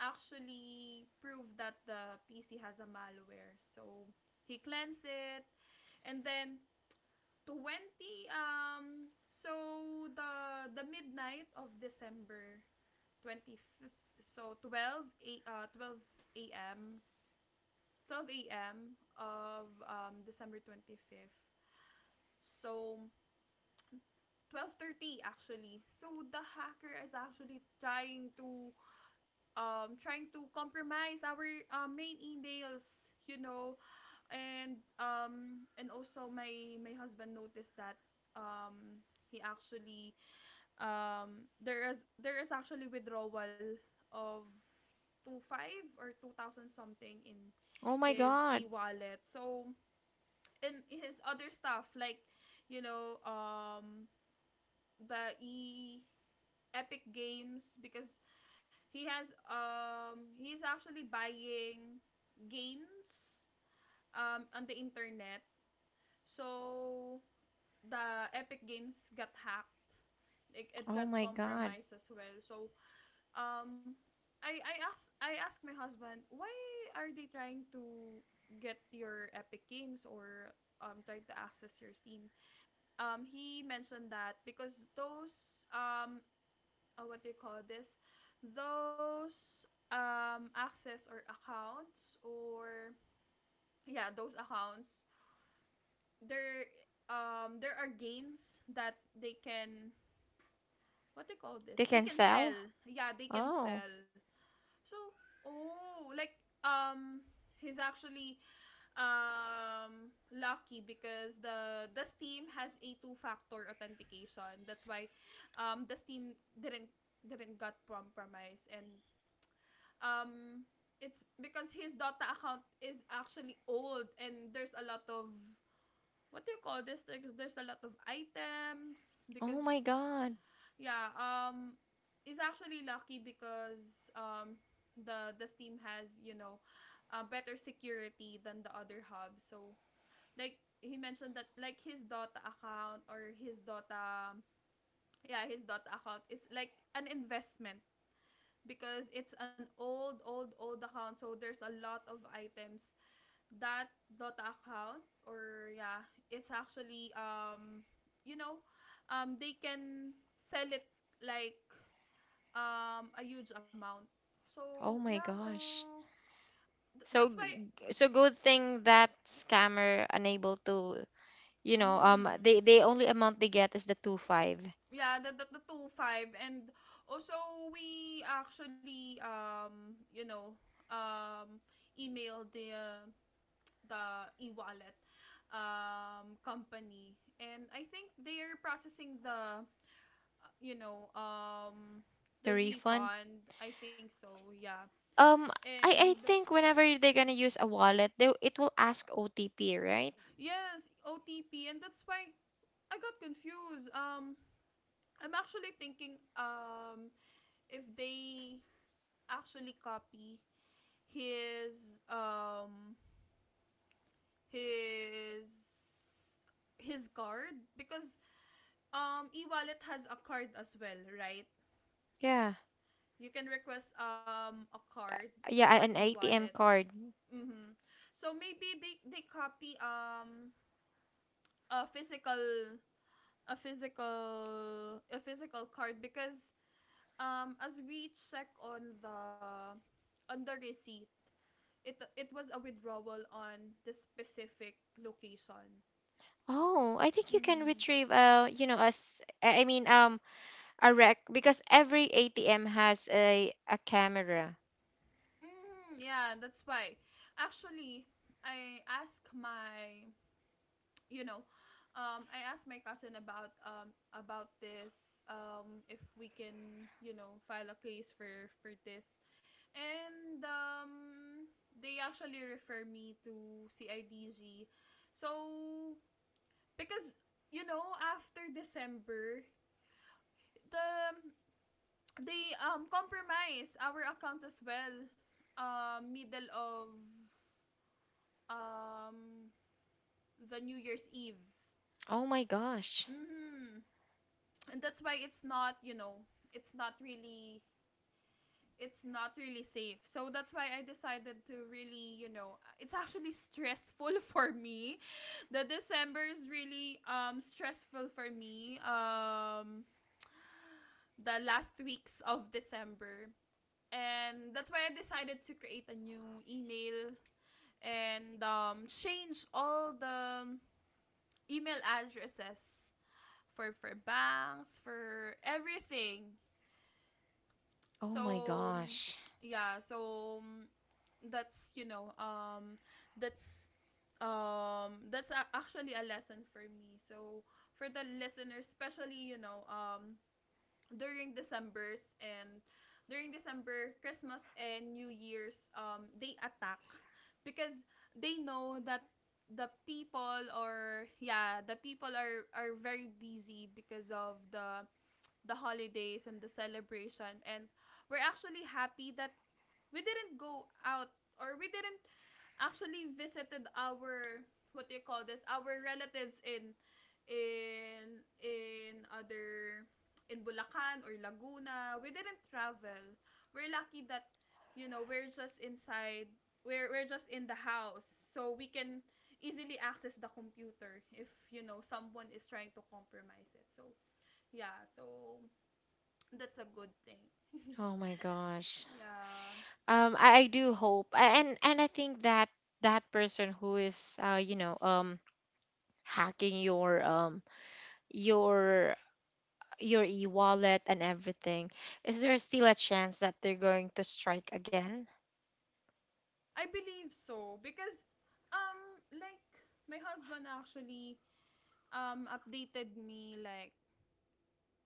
Speaker 1: actually proved that the PC has a malware. So he cleansed it, and then, 20 um so the midnight of December 25th, so 12 a.m., 12 a.m. of December 25th. So 12:30 actually. So the hacker is actually trying to, compromise our, main emails, you know, and, also, my husband noticed that, um he actually there is actually withdrawal of 25 or 2000 something in
Speaker 2: Oh my
Speaker 1: his
Speaker 2: god.
Speaker 1: e-wallet. So, and his other stuff, like, you know, the e Epic Games, because he's actually buying games on the internet. So the Epic Games got hacked. It
Speaker 2: Oh
Speaker 1: got
Speaker 2: my god.
Speaker 1: compromised as well. So, um I ask my husband, why are they trying to get your Epic Games, or trying to access your Steam. He mentioned that because those, what do you call this, those access or accounts, or, yeah, those accounts, there, there are games that they can, what do you call
Speaker 2: They
Speaker 1: this, they
Speaker 2: can
Speaker 1: can
Speaker 2: sell?
Speaker 1: sell. Yeah, they can
Speaker 2: Oh.
Speaker 1: sell. So, oh, like, um he's actually lucky because the Steam has a two-factor authentication. That's why the Steam didn't got compromised. And, um it's because his Dota account is actually old, and there's a lot of, what do you call this? Like, there's a lot of items,
Speaker 2: Oh my
Speaker 1: because
Speaker 2: god.
Speaker 1: yeah, is actually lucky, because the Steam has, you know, better security than the other hubs. So, like, he mentioned that, like, his Dota, yeah, his Dota account is like an investment, because it's an old account, so there's a lot of items, that Dota account, or yeah, it's actually, you know, they can sell it, like, a huge amount. So
Speaker 2: Oh my
Speaker 1: yeah,
Speaker 2: gosh.
Speaker 1: so that's
Speaker 2: So
Speaker 1: why...
Speaker 2: so good thing that scammer unable to, you know,
Speaker 1: Mm,
Speaker 2: they only amount they get is the 2 5,
Speaker 1: yeah, the 25, and also we actually, um emailed the, the e wallet company, and I think they're processing the, uh, you know um
Speaker 2: the
Speaker 1: the
Speaker 2: refund.
Speaker 1: refund. I think so, yeah.
Speaker 2: Um, I
Speaker 1: And...
Speaker 2: I think whenever they're gonna use a wallet, they it will ask OTP, right?
Speaker 1: Yes, OTP, and that's why I got confused. I'm actually thinking, if they actually copy his, his his card, because e-wallet has a card as well, right?
Speaker 2: Yeah.
Speaker 1: You can request a card
Speaker 2: Yeah,
Speaker 1: for
Speaker 2: an ATM
Speaker 1: e-wallets.
Speaker 2: card.
Speaker 1: Mm-hmm. So maybe they copy a physical, a physical card, because as we check on the, receipt, it was a withdrawal on the specific location.
Speaker 2: Oh, I think you can
Speaker 1: Mm-hmm.
Speaker 2: retrieve you know, as I mean a rec because every ATM has a camera.
Speaker 1: Mm, yeah, that's why, actually, i asked my you know, I asked my cousin about, about this, if we can, you know, file a case for this. And, they actually refer me to CIDG. So, because, you know, after December, the they compromise our accounts as well, middle of um the New Year's Eve.
Speaker 2: Oh my gosh.
Speaker 1: Mm-hmm. And that's why it's not, you know, it's not really it's not really safe. So that's why I decided to really, it's actually stressful for me. The December is really stressful for me, the last weeks of December. And that's why I decided to create a new email, and change all the email addresses, for banks, for everything.
Speaker 2: Oh my
Speaker 1: So, mm,
Speaker 2: gosh.
Speaker 1: yeah, so mm, that's, that's, actually a lesson for me. So for the listeners, especially, you know, during December's, Christmas and New Year's, they attack because they know that the people, or yeah, the people are, very busy because of the holidays and the celebration. And we're actually happy that we didn't go out, or we didn't actually visited our, what do you call this, our relatives in, in other in Bulacan or Laguna. We didn't travel. We're lucky that, you know, we're just inside. We're just in the house, so we can easily access the computer if, you know, someone is trying to compromise it. So yeah, so that's a good thing.
Speaker 2: Oh my gosh.
Speaker 1: Yeah.
Speaker 2: I do hope and I think that that person who is you know, hacking your your e-wallet and everything, is there still a chance that they're going to strike again?
Speaker 1: I believe so because um like my husband actually updated me, like,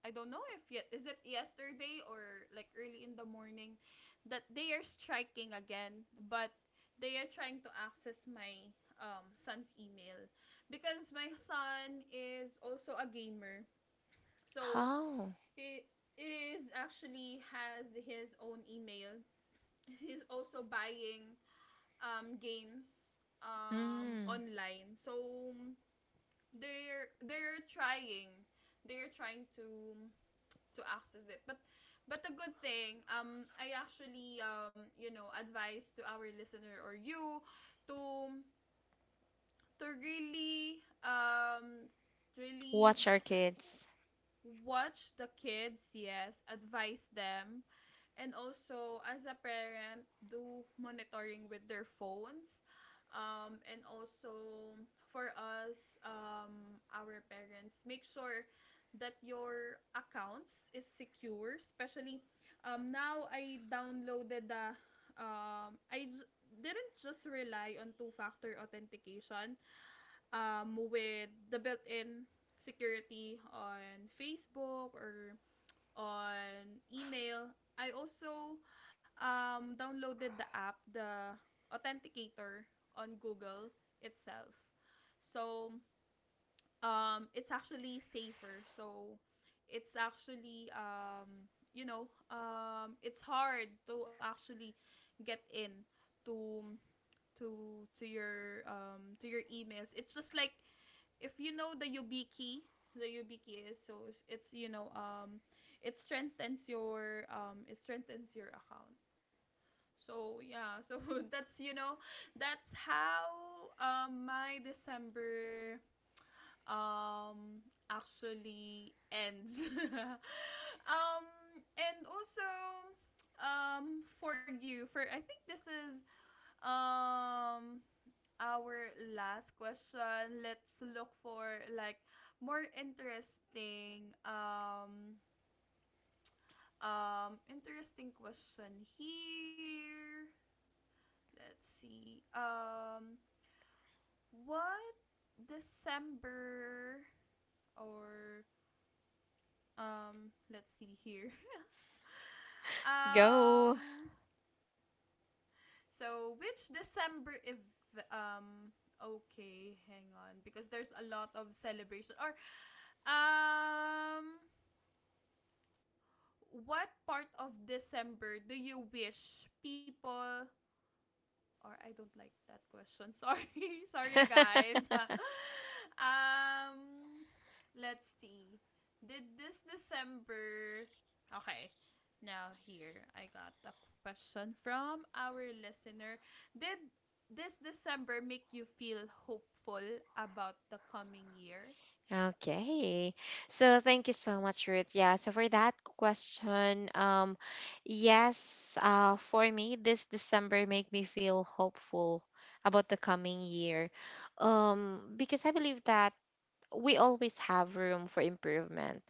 Speaker 1: I don't know if yet is it yesterday or like early in the morning that they are striking again. But they are trying to access my son's email because my son is also a gamer. So
Speaker 2: Oh,
Speaker 1: he is actually has his own email, he's also buying games
Speaker 2: mm,
Speaker 1: online. So they're trying they're trying to access it. But the good thing, I actually advise to our listener or you to to really really
Speaker 2: watch our kids
Speaker 1: watch the kids. Yes, advise them, and also as a parent, do monitoring with their phones. And also for us, our parents, make sure that your accounts is secure. Especially now, I downloaded the um, I j- didn't just rely on two-factor authentication with the built-in security on Facebook or on email. I also downloaded the app, the Authenticator on Google itself. So it's actually safer. So it's actually it's hard to actually get in to to to your emails. It's just like if you know the YubiKey is, so it's, it strengthens your account. So yeah, so that's that's how my December um actually ends. um and also for you, for I think this is, um our last question. Let's look for like more interesting interesting question here. Let's see. What December or let's see here.
Speaker 2: go.
Speaker 1: um so which December, if um okay, hang on, because there's a lot of celebration or um what part of December do you wish people, or I don't like that question. Sorry. Sorry guys. um let's see. Did this December, okay. Now here I got a question from our listener. Did this December make you feel hopeful about the coming year?
Speaker 2: Okay. So thank you so much, Ruth. Yeah, so for that question, yes, for me, this December make me feel hopeful about the coming year. Because I believe that we always have room for improvement.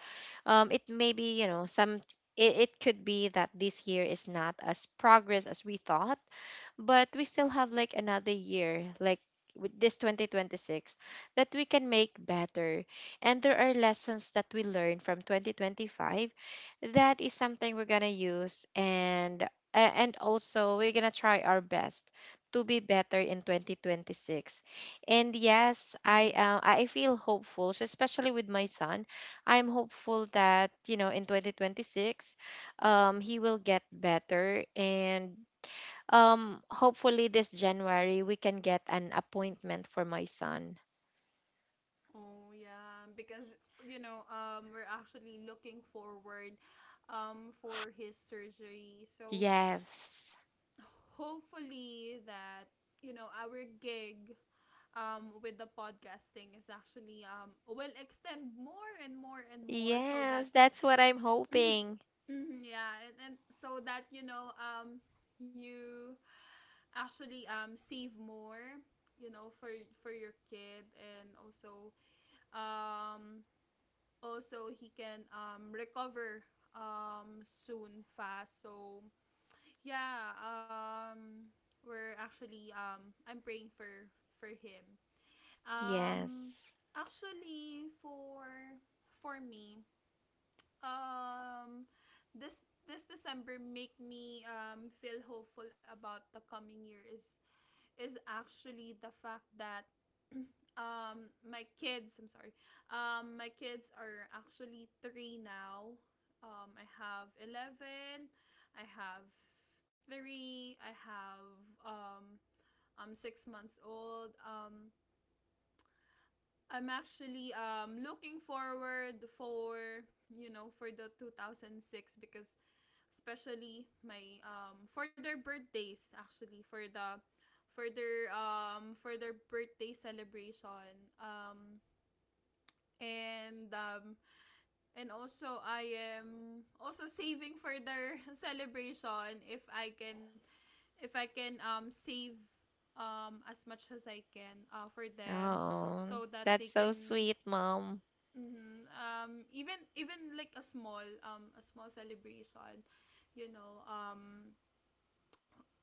Speaker 2: It may be, you know, some it could be that this year is not as progress as we thought, but we still have like another year like with this 2026 that we can make better. And there are lessons that we learn from 2025 that is something we're gonna use. And and also we're gonna try our best to be better in 2026. And yes,
Speaker 1: Mm-hmm.
Speaker 2: I feel hopeful, so especially with my son. I'm hopeful that you know in 2026 he will get better. And hopefully this January we can get an appointment for my son.
Speaker 1: Oh yeah, because, you know, we're actually looking forward, for his surgery. So
Speaker 2: Yes.
Speaker 1: hopefully that, you know, our gig, with the podcasting is actually will extend more and more and more, so that
Speaker 2: Yes, that's what I'm hoping.
Speaker 1: mhm, yeah. And so that, you actually save more, you know, for your kid, and also um also he can recover soon fast. So yeah, we're actually, I'm praying for him. um
Speaker 2: Yes.
Speaker 1: Actually for me, um this december make me feel hopeful about the coming year is actually the fact that my kids, I'm sorry, my kids are actually three now. I have 11, I have three, I have um I'm 6 months old. I'm actually looking forward for, you know, for the 2006, because especially my for their birthdays, actually for the for their birthday celebration. And um and also I am also saving for their celebration, if I can, if I can save as much as I can, for them
Speaker 2: Oh,
Speaker 1: so that
Speaker 2: that's
Speaker 1: they
Speaker 2: so sweet,
Speaker 1: can
Speaker 2: mom.
Speaker 1: mhm, even like a small celebration, you know, um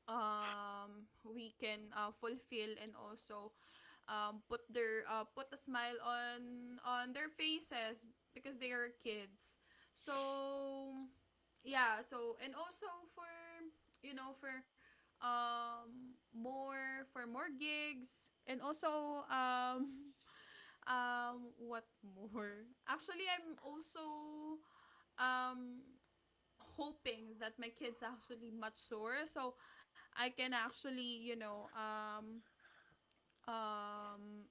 Speaker 1: um we can, fulfill, and also put their, put a smile on their faces because they are kids. So yeah, so and also for, you know, for more, for more gigs, and also what more. Actually I'm also um hoping that my kid's actually mature so I can actually, you know, um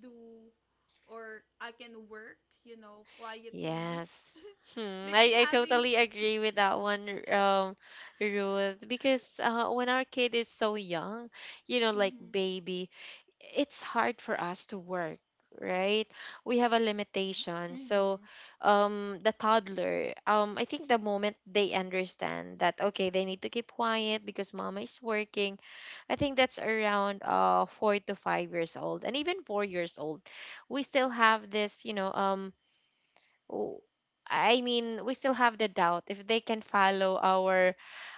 Speaker 1: do, or I can work, you know, quietly
Speaker 2: Yes. Hmm,
Speaker 1: because
Speaker 2: I
Speaker 1: having
Speaker 2: totally agree with that one, Ruth, because when our kid is so young, you know, like
Speaker 1: mhm,
Speaker 2: baby, it's hard for us to work, right? We have a limitation. So,
Speaker 1: mhm,
Speaker 2: the toddler, I think the moment they understand that, okay, they need to keep quiet because mama is working, I think that's around 4 to 5 years old, and even 4 years old, we still have this, you know, w- I mean, we still have the doubt if they can follow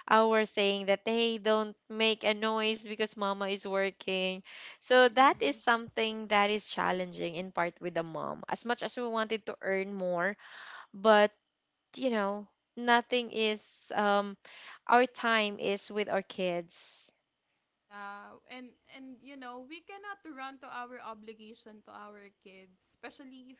Speaker 2: our saying that hey, don't make a noise because mama is working.
Speaker 1: mhm,
Speaker 2: So that is
Speaker 1: mhm.
Speaker 2: something that is challenging in part with the mom. As much as we wanted to earn more, but you know, nothing is our time is with our kids.
Speaker 1: Yeah, and, you know, we cannot run to our obligation to our kids, especially if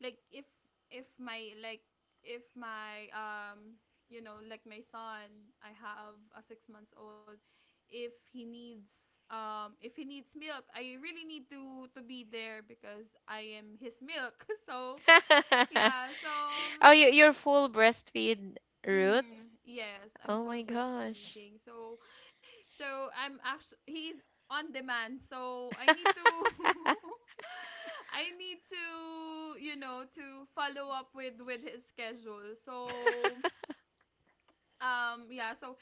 Speaker 1: like if my like if my you know, like my son, I have a 6 months old, if he needs milk, I really need to be there because I am his milk. So, yeah, so
Speaker 2: Oh, you you're full breastfeed, Ruth?
Speaker 1: mm, yes, I'm
Speaker 2: Oh
Speaker 1: full
Speaker 2: my gosh.
Speaker 1: breastfeeding. So, so I'm actually he's on demand. So I need to I need to, you know, to follow up with his schedule. So yeah, so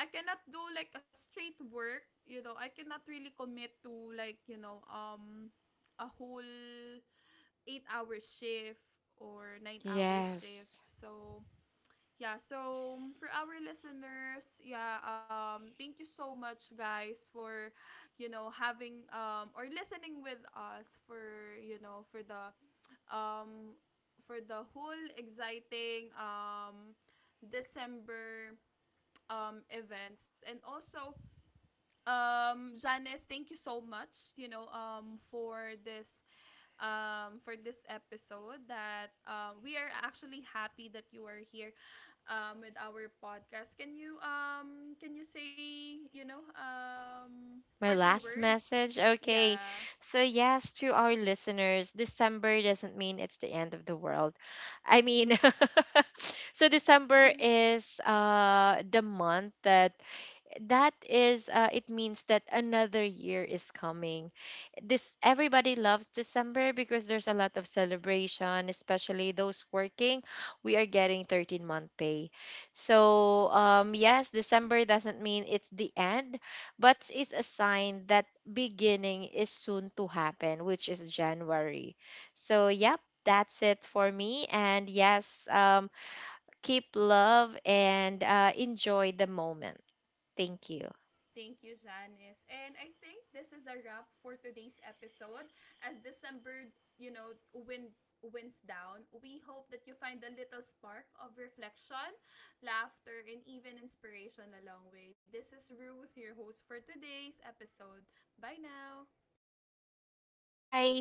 Speaker 1: I cannot do like a straight work, you know. I cannot really commit to like, you know, a whole 8-hour shift or 9-hour shift.
Speaker 2: Yes.
Speaker 1: So yeah, so for our listeners, yeah, thank you so much guys for, you know, having or listening with us for, you know, um for the whole exciting december events, and also Janice, thank you so much, you know, for this episode that, we are actually happy that you are here, with our podcast. Can you say, you know,
Speaker 2: My
Speaker 1: parting
Speaker 2: last
Speaker 1: words?
Speaker 2: message? Okay.
Speaker 1: Yeah.
Speaker 2: So, yes, to our listeners, December doesn't mean it's the end of the world. I mean, so December is the month that that is it means that another year is coming. This everybody loves December because there's a lot of celebration, especially those working, we are getting 13-month pay. So yes, December doesn't mean it's the end, but it's a sign that beginning is soon to happen, which is January. So yep, that's it for me. And yes, keep love and enjoy the moment. Thank you.
Speaker 1: Thank you, Janice. And I think this is a wrap for today's episode. As December, you know, wind winds down, we hope that you find a little spark of reflection, laughter, and even inspiration along the way. This is Ruth, your host for today's episode. Bye now.
Speaker 2: Bye.